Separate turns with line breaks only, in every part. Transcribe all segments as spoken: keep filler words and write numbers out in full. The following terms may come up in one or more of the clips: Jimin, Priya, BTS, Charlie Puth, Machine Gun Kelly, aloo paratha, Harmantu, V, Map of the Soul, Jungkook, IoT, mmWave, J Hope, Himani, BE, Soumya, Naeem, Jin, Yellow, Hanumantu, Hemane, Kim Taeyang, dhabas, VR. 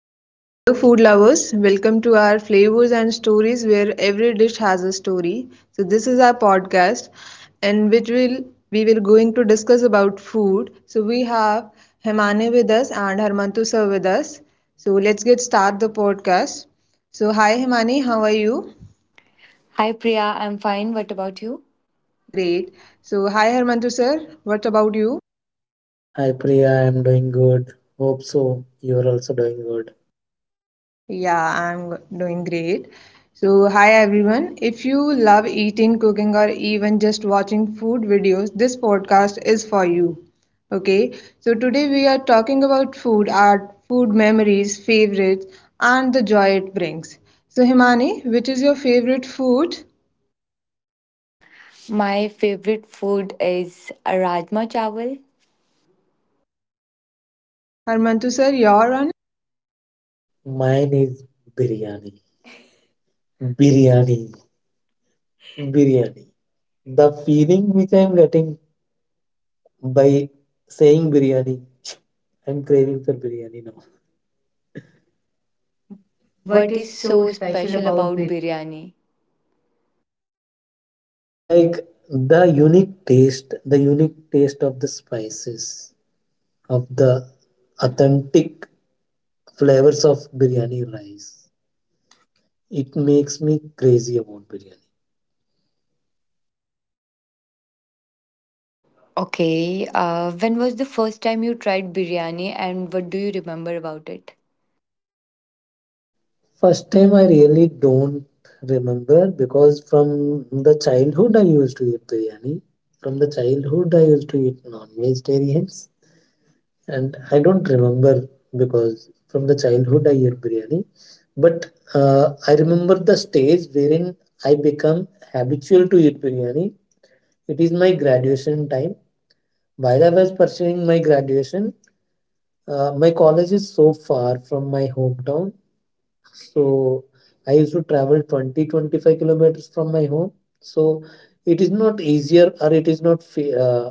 So, hello, food lovers. Welcome to our flavors and stories where every dish has a story. So, this is our podcast and which will we will going to discuss about food. So, we have Hemane with us and Harmantu sir with us. So, let's get start the podcast. So, hi Hemane, how are you?
Hi Priya, I'm fine. What about you? Great.
Great. So, hi Harmantu sir, what about you?
Hi Priya, I'm doing good. Hope so. You're also doing good.
Yeah, I'm g- doing great. So, hi everyone. If you love eating, cooking, or even just watching food videos, this podcast is for you. Okay, so today we are talking about food, art, food memories, favorites, and the joy it brings. So, Himani, which is your favorite food?
My favorite food is rajma chawal.
Okay, Harmantu sir, your
Mine is biryani. Biryani. Biryani. The feeling which I'm getting by saying biryani, I'm craving for biryani now. What
What is
is so
so
special
special
about
about
biryani?
biryani?
Like the unique taste, the unique taste of the spices, of the authentic flavors of biryani rice. It makes me crazy about biryani.
Okay, uh, when was the first time you tried biryani, and what do you remember about it?
First time I really don't remember because from the childhood I used to eat biryani. From the childhood I used to eat non-vegetarians, and I don't remember because from the childhood I eat biryani. But uh, I remember the stage wherein I become habitual to eat biryani. It is my graduation time. While I was pursuing my graduation, uh, my college is so far from my hometown, so I used to travel twenty twenty five kilometers from my home. So it is not easier, or it is not fe uh,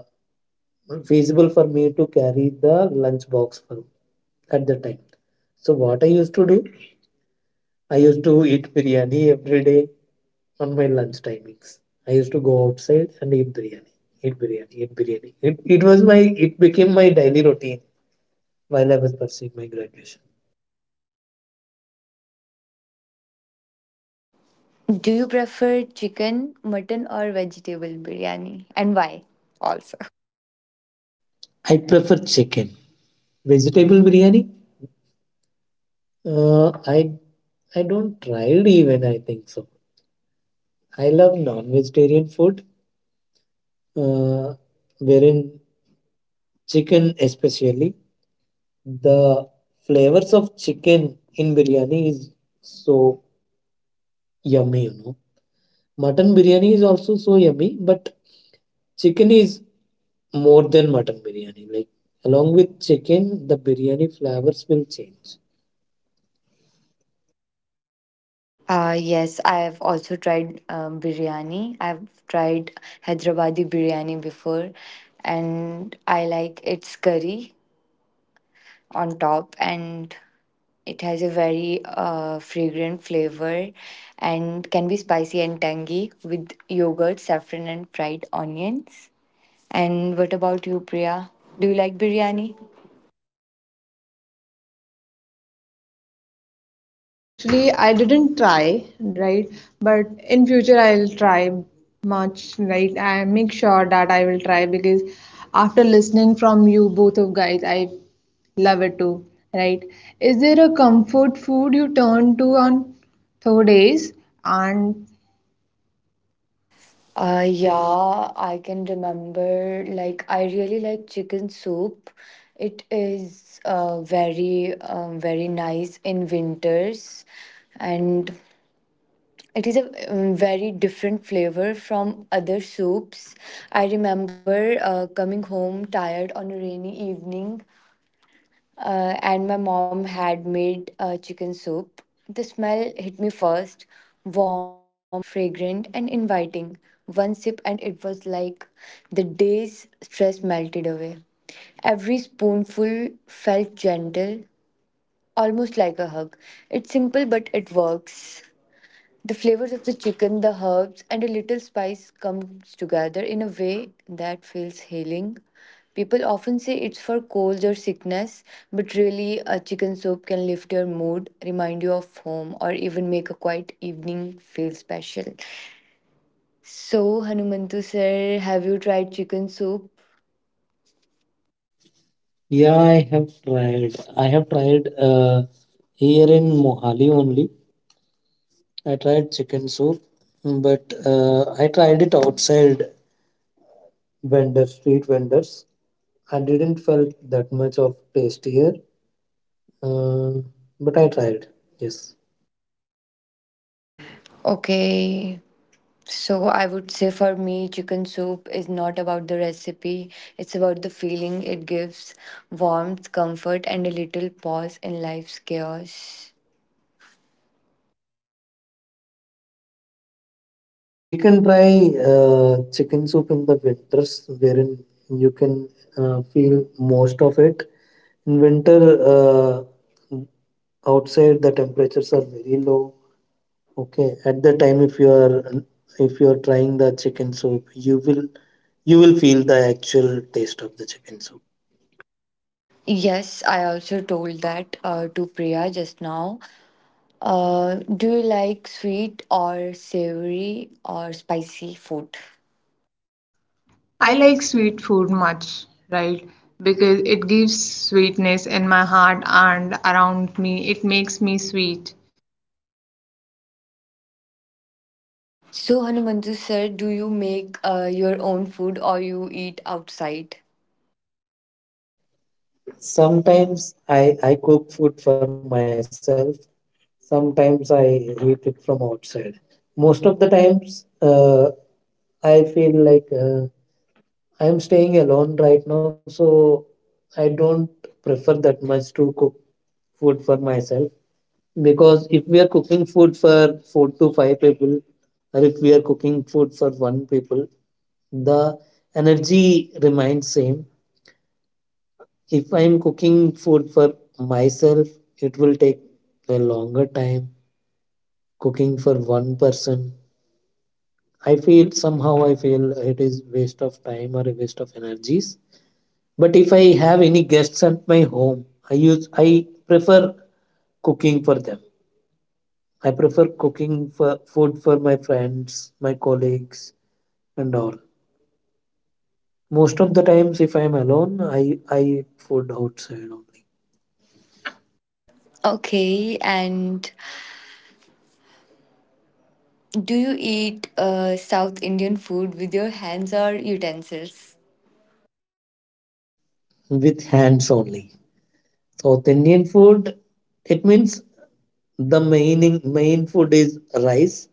feasible for me to carry the lunch box for, at the time. So what I used to do, I used to eat biryani every day on my lunch timings. I used to go outside and eat biryani, eat biryani, eat biryani. It, it was my it became my daily routine while I was pursuing my graduation.
Do you prefer chicken, mutton, or vegetable biryani, and why? Also,
I prefer chicken. Vegetable biryani. Uh, I I don't tried even. I think so. I love non-vegetarian food, uh, wherein chicken especially, the flavors of chicken in biryani is so yummy. You know, mutton biryani is also so yummy, but chicken is more than mutton biryani. Like along with chicken, the biryani flavors will change.
uh, yes, I have also tried um, biryani. I've tried Hyderabadi biryani before, and I like its curry on top, and it has a very uh, fragrant flavor and can be spicy and tangy with yogurt, saffron, and fried onions. And what about you, Priya? Do you like biryani?
No, actually, I didn't try, right? But in future, I'll try much, right? I make sure that I will try because after listening from you both of guys, I love it too, right? Is there a comfort food you turn to on third days? And
Uh, yeah, I can remember. Like, I really like chicken soup. It is uh, very, um, very nice in winters, and it is a um, very different flavor from other soups. I remember uh, coming home tired on a rainy evening, uh, and my mom had made uh, chicken soup. The smell hit me first, warm, fragrant, and inviting. One sip, and it was like the day's stress melted away. Every spoonful felt gentle, almost like a hug. It's simple, but it works. The flavors of the chicken, the herbs, and a little spice comes together in a way that feels healing. People often say it's for colds or sickness, but really, a chicken soup can lift your mood, remind you of home, or even make a quiet evening feel special. So, Hanumantu sir, have you tried chicken soup?
Yeah, I have tried. I have tried uh, here in Mohali only. I tried chicken soup, but uh, I tried it outside vendors, street vendors. I didn't felt that much of taste here, uh, but I tried. Yes,
Okay, so I would say for me, chicken soup is not about the recipe, it's about the feeling it gives, warmth, comfort, and a little pause in life's chaos.
we can try uh, chicken soup in the winters, wherein you can uh, feel most of it. In winter, uh, outside the temperatures are very low. Okay, at the time, if you are if you are trying the chicken soup, you will you will feel the actual taste of the chicken soup.
Yes, I also told that uh, to Priya just now. Uh, do you like sweet or savory or spicy food?
I
I
like
like sweet.
sweet food much, right? Because it gives sweetness in my heart and around me. It makes me sweet.
So Hanumantu sir, do you make uh, your own food, or you eat outside?
Sometimes I I cook food for myself. Sometimes I eat it from outside. Most of the times, uh, I feel like uh, I'm staying alone right now, so I don't prefer that much to cook food for myself. Because if we are cooking food for four to five people, or if we are cooking food for one people, the energy remains same. If I am cooking food for myself, it will take a longer time. Cooking for one person, I feel, somehow I feel it is waste of time or a waste of energies. But if I have any guests at my home, I use I prefer cooking for them. I prefer cooking for food for my friends, my colleagues, and all. Most of the times, if I am alone, I, I eat food outside only,
Okay, and do you eat uh, South Indian food with your hands or utensils?
with hands only. South Indian food, it means the main, main food is rice.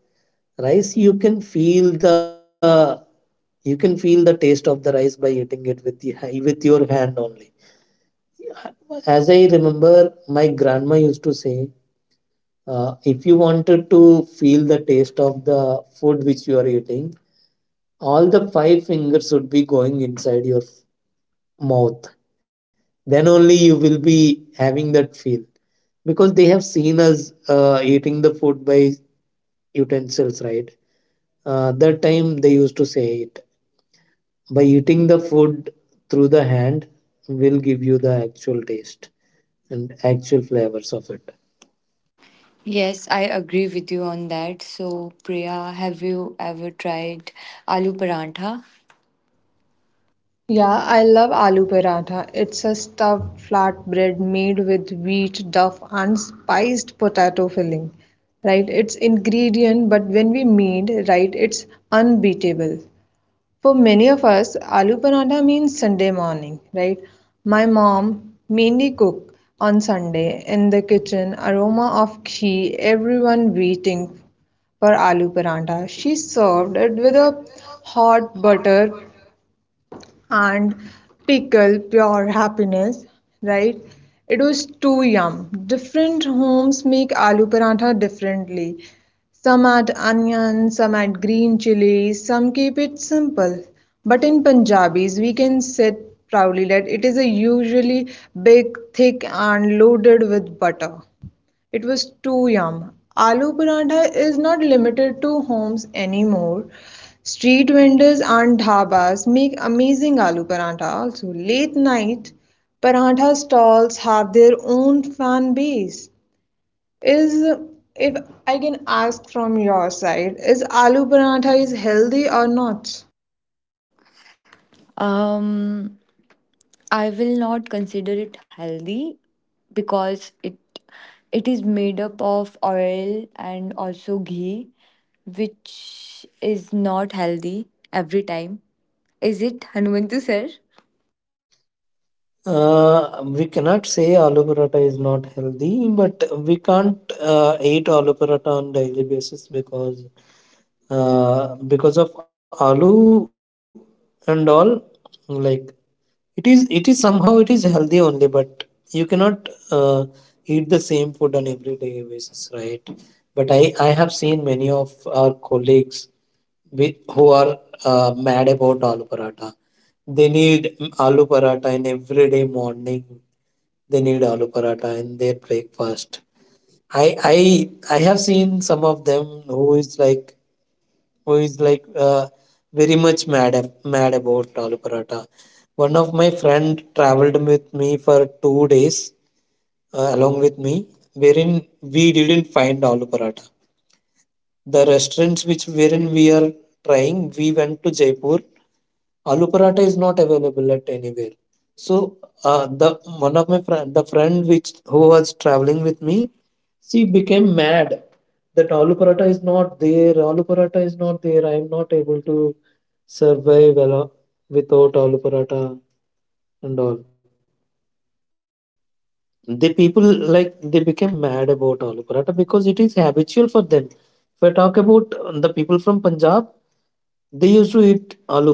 Rice, you can feel the you can feel the taste of the rice by eating it with the, with your hand only. As I remember, my grandma used to say, Uh, if you wanted to feel the taste of the food which you are eating, all the five fingers should be going inside your mouth. Then only you will be having that feel, because they have seen us uh, eating the food by utensils, right? Uh, that time they used to say it, by eating the food through the hand will give you the actual taste and actual flavors of it.
Yes, I agree with you on that. So, Priya, have you ever tried aloo parantha?
Yeah, I love aloo paratha. It's a stuffed flatbread made with wheat, duff, and spiced potato filling. Right? It's ingredient, but when we made, right, it's unbeatable. For many of us, aloo paratha means Sunday morning, right? My mom mainly cook on Sunday in the kitchen, aroma of ghee, everyone waiting for aloo paratha. She served it with a hot butter and pickle pure happiness, right? It was too yum. Different homes make aloo paratha differently. Some add onion, some add green chilies, some keep it simple. But in Punjabis, we can say proudly that it is a usually big, thick, and loaded with butter. It was too yum. Aloo paratha is not limited to homes anymore. Street vendors and dhabas make amazing aloo paratha also. Late night paratha stalls have their own fan base. Is if I can ask from your side, is aloo paratha is healthy or not?
Um, I will not consider it healthy because it it is made up of oil and also ghee, which is not healthy every time. Is it, Hanumantu sir?
Uh, we cannot say aloo paratha is not healthy, but we can't uh, eat aloo paratha on daily basis, because uh, because of aloo and all. Like it is, it is somehow it is healthy only, but you cannot uh, eat the same food on everyday basis, right? But I I have seen many of our colleagues with, who are uh, mad about aloo paratha. They need mm, aloo paratha in everyday morning. They need aloo paratha in their breakfast. I I I have seen some of them, who is like who is like uh, very much mad ab- mad about aloo paratha. One of my friend traveled with me for two days, uh, along with me, wherein we didn't find aloo paratha. The restaurants which wherein we are trying, we went to Jaipur. Aloo paratha is not available at anywhere, so uh, the one of my friend the friend which who was traveling with me, she became mad that aloo paratha is not there, aloo paratha is not there. I am not able to survive, alo- without aloo paratha, and all the people, like, they became mad about aloo paratha because it is habitual for them. If I talk about uh, the people from Punjab, they used to eat aloo paratha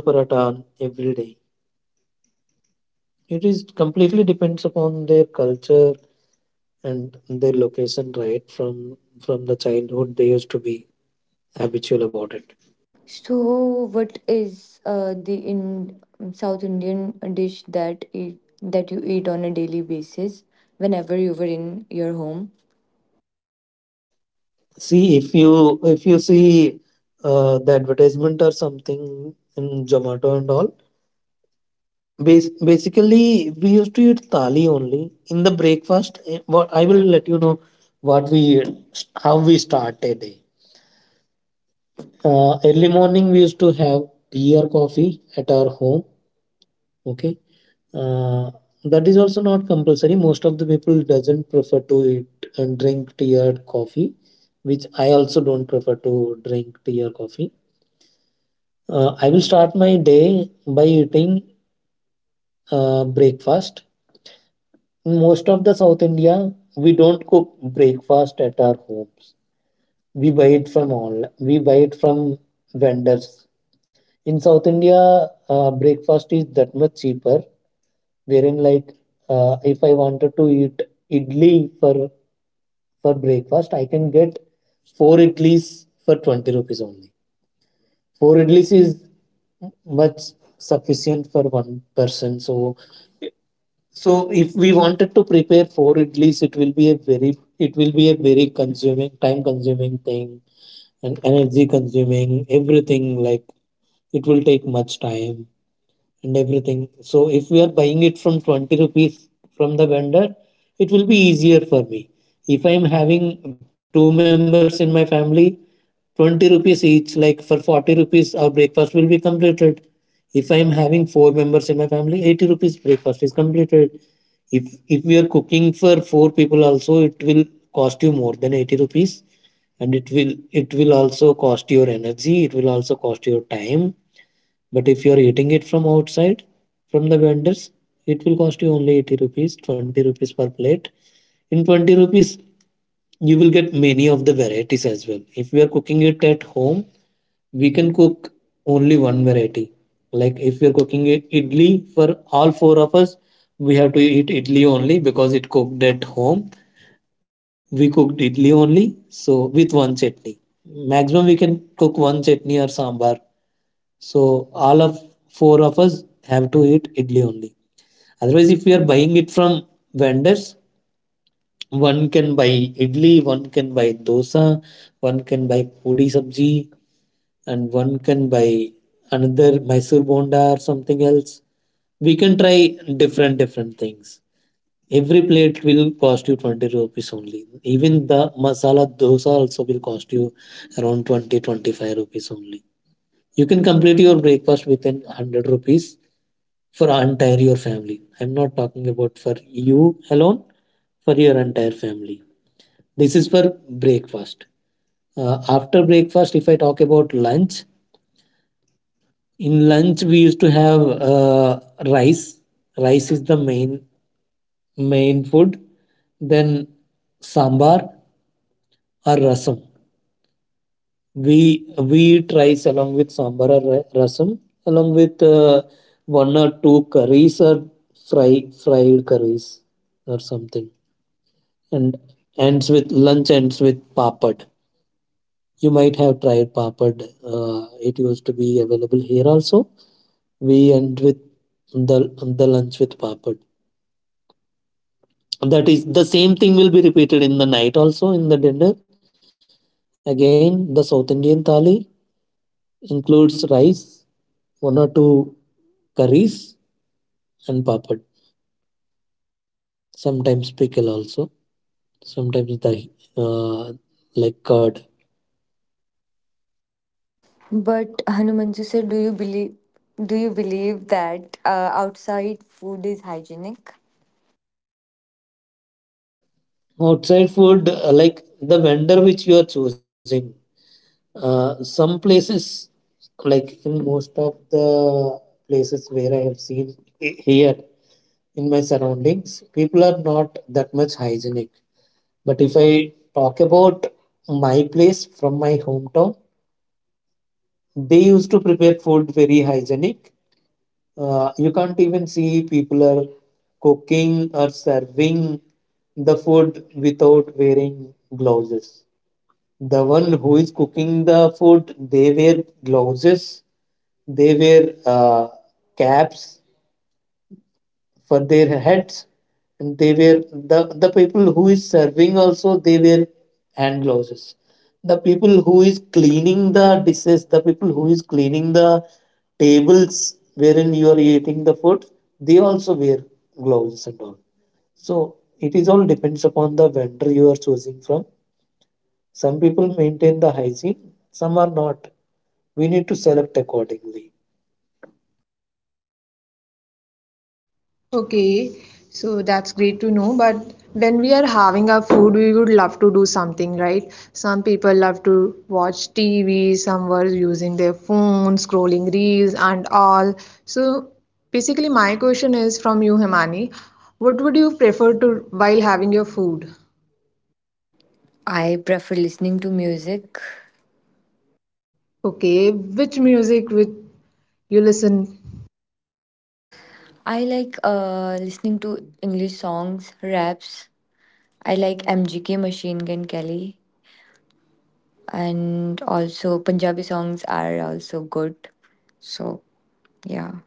every day. It is completely depends upon their culture and their location, right? From from the childhood, they used to be habitual about it.
So, what is uh, the in um, South Indian dish that eat, that you eat on a daily basis whenever you were in your home?
See, if you if you see uh, the advertisement or something in Zomato and all, bas- basically we used to eat thali only in the breakfast. eh, What I will let you know what we how we start a day. Uh, early morning, we used to have tea or coffee at our home. Okay. Uh, that is also not compulsory. Most of the people doesn't prefer to eat and drink tea or coffee, which I also don't prefer to drink tea or coffee. Uh, I will start my day by eating uh, breakfast. In most of the South India, we don't cook breakfast at our homes. We buy it from all. We buy it from vendors. In South India, uh, breakfast is that much cheaper, wherein like uh, if I wanted to eat idli for for breakfast, I can get four idlis for twenty rupees only. Four idlis is much sufficient for one person. So so if we wanted to prepare four idlis, it will be a very it will be a very consuming, time consuming thing, and energy consuming everything. Like it will take much time and everything. So if we are buying it from twenty rupees from the vendor, it will be easier for me. If I am having two members in my family, twenty rupees each, like for forty rupees, our breakfast will be completed. If I am having four members in my family, eighty rupees breakfast is completed. If if we are cooking for four people also, it will cost you more than eighty rupees, and it will it will also cost your energy, it will also cost your time. But if you are eating it from outside, from the vendors, it will cost you only eighty rupees, twenty rupees per plate. In twenty rupees, you will get many of the varieties as well. If we are cooking it at home, we can cook only one variety. Like if we are cooking it idli for all four of us, we have to eat idli only because it cooked at home. We cooked idli only, so with one chutney. Maximum we can cook one chutney or sambar, so all of four of us have to eat idli only. Otherwise, if we are buying it from vendors, one can buy idli, one can buy dosa, one can buy puri sabji, and one can buy another Mysore bonda or something else. We can try different different things. Every plate will cost you twenty rupees only. Even the masala dosa also will cost you around twenty twenty five rupees only. You can complete your breakfast within a hundred rupees for entire your family. I'm not talking about for you alone, for your entire family. This is for breakfast. Uh, after breakfast, if I talk about lunch, in lunch we used to have uh, rice. Rice is the main main food. Then sambar or rasam. We wheat rice along with sambar or ra- rasam, along with uh, one or two curries or fry fried curries or something, and ends with lunch ends with papad. You might have tried papad. Uh, it used to be available here also. We end with the the lunch with papad. That is the same thing will be repeated in the night also in the dinner. Again, the South Indian thali includes rice, one or two curries and papad. Sometimes pickle also. Sometimes dahi, uh, like curd.
But Hanumanju sir, do you believe do you believe that uh, outside food is hygienic?
Outside food, uh, like the vendor which you are choosing. Uh, some places, like in most of the places where I have seen i- here in my surroundings, people are not that much hygienic. But if I talk about my place from my hometown, they used to prepare food very hygienic. Uh, you can't even see people are cooking or serving the food without wearing gloves. The one who is cooking the food, they wear gloves, they wear uh, caps for their heads, and they were the, the people who is serving also, they wear hand glosses. The people who is cleaning the dishes, the people who is cleaning the tables wherein you are eating the food, they also wear gloves and all. So it is all depends upon the vendor you are choosing from. Some people maintain the hygiene, some are not. We need to select accordingly.
Okay, so that's great to know. But when we are having our food, we would love to do something, right? Some people love to watch T V, some were using their phones, scrolling reels, and all. So basically, my question is from you, Himani. What would you prefer to while having your food?
I prefer listening to music.
Okay, which music would you listen?
I like uh, listening to English songs, raps. I like M G K, Machine Gun Kelly, and also Punjabi songs are also good. So. Yeah.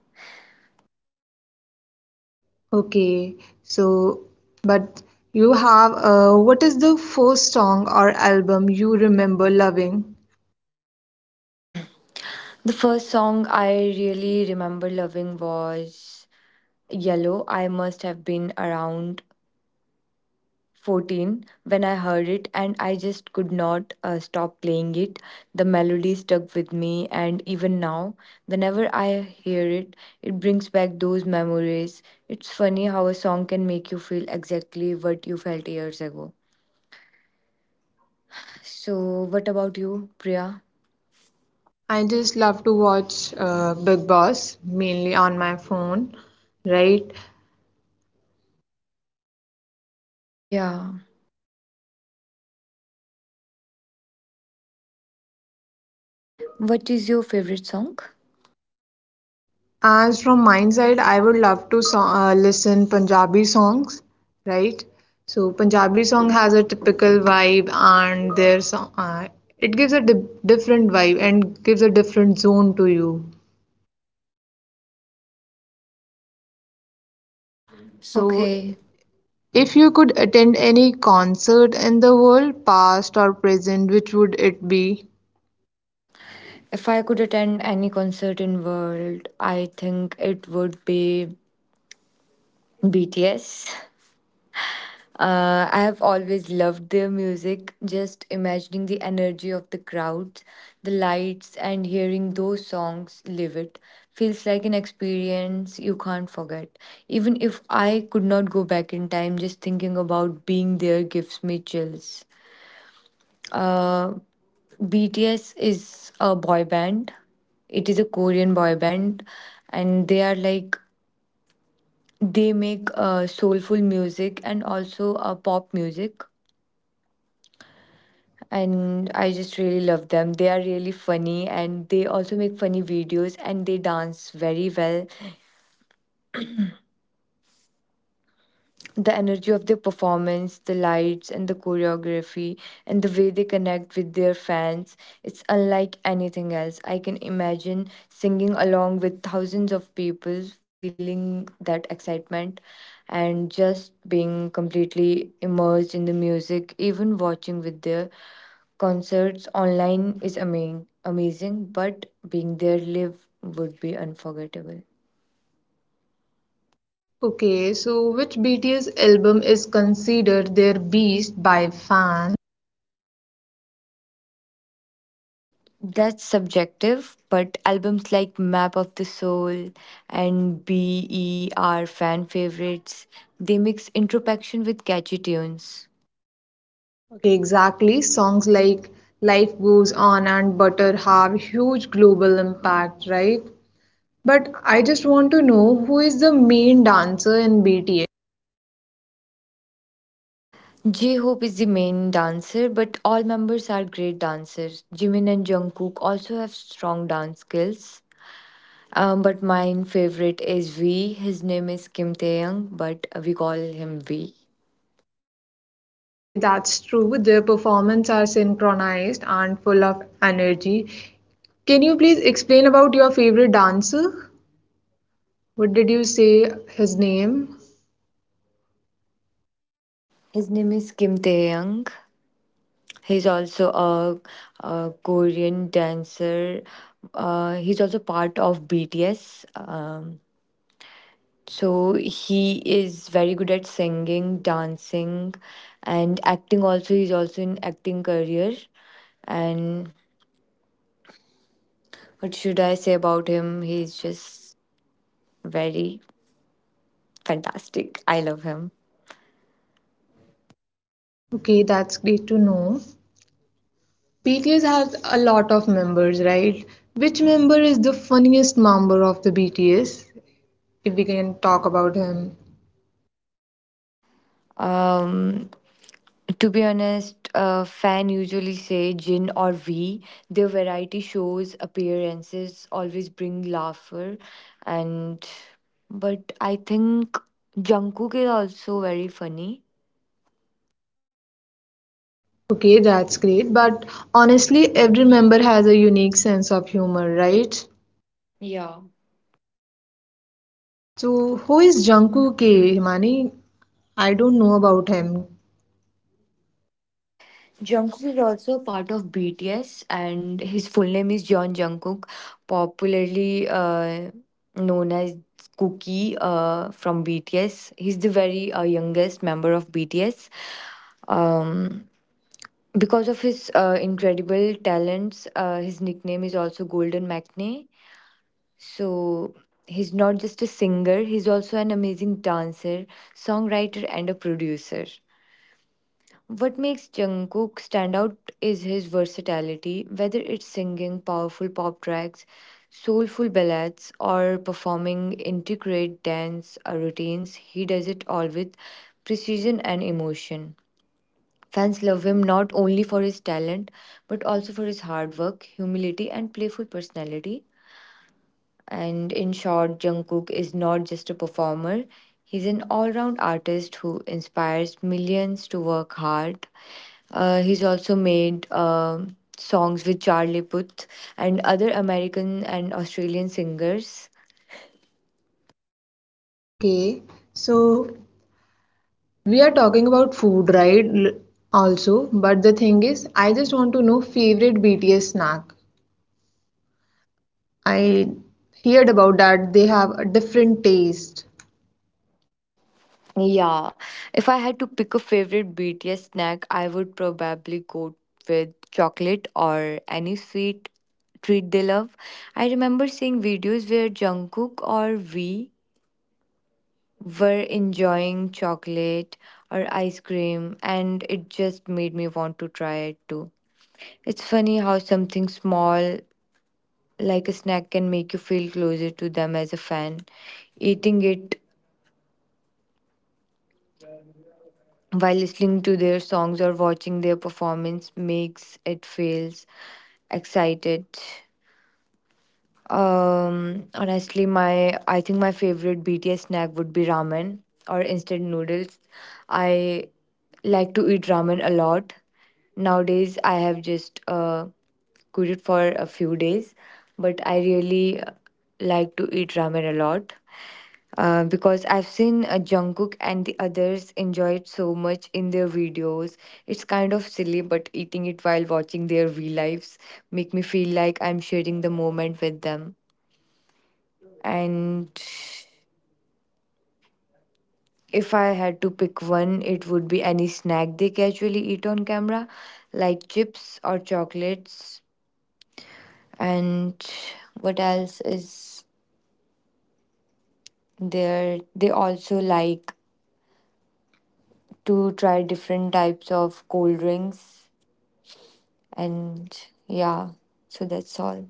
Okay, so but you have uh, what is the first song or album you remember loving?
The first song I really remember loving was Yellow. I must have been around fourteen when I heard it, and I just could not uh, stop playing it. The melody stuck with me, and even now, whenever I hear it, it brings back those memories. It's funny how a song can make you feel exactly what you felt years ago. So, what about you, Priya?
I just love to watch uh, Big Boss mainly on my phone, right?
Yeah. What is your favorite song?
As from my side, I would love to so uh, listen Punjabi songs, right? So Punjabi song has a typical vibe, and their song, uh, it gives a di different vibe and gives a different zone to you.
So
So okay,
okay.
if you could attend any concert in the world, past or present, which would it be?
If I could attend any concert in world, I think it would be B T S. Uh, I have always loved their music, just imagining the energy of the crowd, the lights, and hearing those songs live, it feels like an experience you can't forget. Even if I could not go back in time, just thinking about being there gives me chills. Uh, B T S is a boy band. It is a Korean boy band, and they are like they make uh, soulful music and also uh, pop music. And I just really love them. They are really funny, and they also make funny videos, and they dance very well. The energy of their performance, the lights and the choreography, and the way they connect with their fans. It's unlike anything else. I can imagine singing along with thousands of people, feeling that excitement, and just being completely immersed in the music. Even watching with their concerts online is amazing amazing but being there live would be unforgettable.
Okay, so which B T S album is considered their best by fans?
That's subjective, but albums like Map of the Soul and B E are fan favorites. They mix introspection with catchy tunes.
Okay, exactly. Songs like Life Goes On and Butter have huge global impact, right? But I just want to know who is the main dancer in B T S?
J Hope is the main dancer, but all members are great dancers. Jimin and Jungkook also have strong dance skills. Um, but my favorite is V. His name is Kim Taeyang, but we call him V.
Okay, that's true. Their performances are synchronized and full of energy. Can you please explain about your favorite dancer? What did you say his name?
His name is Kim Taeyang. He's also a, a Korean dancer. Uh, he's also part of B T S. Um, so he is very good at singing, dancing, and acting. Also, he's also in acting career. And what should I say about him? He's just very fantastic. I love him.
Okay, that's great to know. B T S has a lot of members, right? Which member is the funniest member of the B T S? If we can talk about him.
Um, To be honest, uh, fan usually say Jin or V. Their variety shows appearances always bring laughter, and but I think Jungkook is also very funny.
Okay, that's great. But honestly, every member has a unique sense of humor, right?
Yeah.
So, who is Jungkook K, Himani? I don't know about him.
Jungkook is also part of B T S, and his full name is John Jungkook, popularly uh, known as Cookie uh, from B T S. He's the very uh, youngest member of B T S. Um, Because of his uh, incredible talents, uh, his nickname is also Golden Matinee. So he's not just a singer, he's also an amazing dancer, songwriter, and a producer. What makes Jungkook stand out is his versatility, whether it's singing powerful pop tracks, soulful ballads, or performing intricate dance uh, routines, he does it all with precision and emotion. Fans love him not only for his talent, but also for his hard work, humility, and playful personality. And in short, Jungkook is not just a performer, he's an all round artist who inspires millions to work hard. Uh, he's also made um songs with Charlie Puth and other American and Australian singers.
Okay, so we are talking about food, right? Also, but the thing is, I just want to know favorite B T S snack. I heard about that. They have a different taste.
Yeah, if I had to pick a favorite B T S snack, I would probably go with chocolate or any sweet treat they love. I remember seeing videos where Jungkook or V were enjoying chocolate or ice cream, and it just made me want to try it too. It's funny how something small like a snack can make you feel closer to them as a fan. Eating it while listening to their songs or watching their performance makes it feels excited. Um honestly, my I think my favorite BTS snack would be ramen or instant noodles. I like to eat ramen a lot. Nowadays I have just uh cooked it for a few days, but I really uh, like to eat ramen a lot, uh, because I've seen uh, Jungkook and the others enjoy it so much in their videos. It's kind of silly, but eating it while watching their real lives make me feel like I'm sharing the moment with them. And if I had to pick one, it would be any snack they casually eat on camera, like chips or chocolates. And what else is there? They also like to try different types of cold drinks. And yeah, so that's all.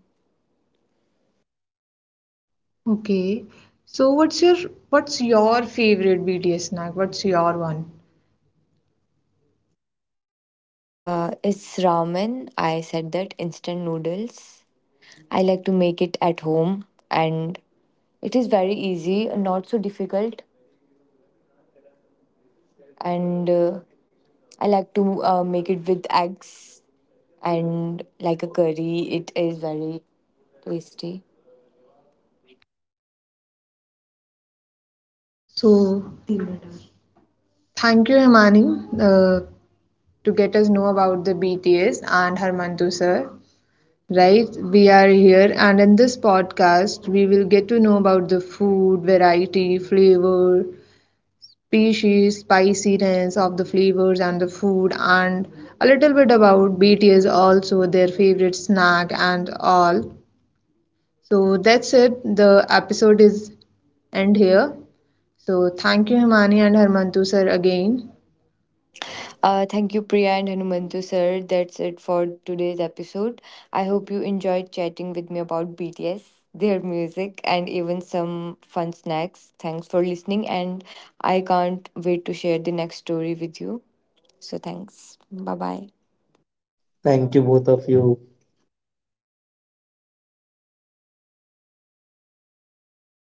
Okay. So what's your what's your favorite B T S snack? What's your one?
Uh, it's ramen. I said that, instant noodles. I like to make it at home, and it is very easy, not so difficult. And uh, I like to uh, make it with eggs and like a curry. It is very tasty.
So thank you, Himani, uh, to get us know about the B T S and Harmantu sir. Right, we are here, and in this podcast, we will get to know about the food, variety, flavor, species, spiciness of the flavors and the food, and a little bit about B T S also, their favorite snack and all. So that's it. The episode is end here. So thank you, Himani and Harmantu sir, again.
Uh, thank you, Priya and Hanumantu sir. That's it for today's episode. I hope you enjoyed chatting with me about B T S, their music, and even some fun snacks. Thanks for listening, and I can't wait to share the next story with you. So, thanks. Bye bye.
Thank you both of you.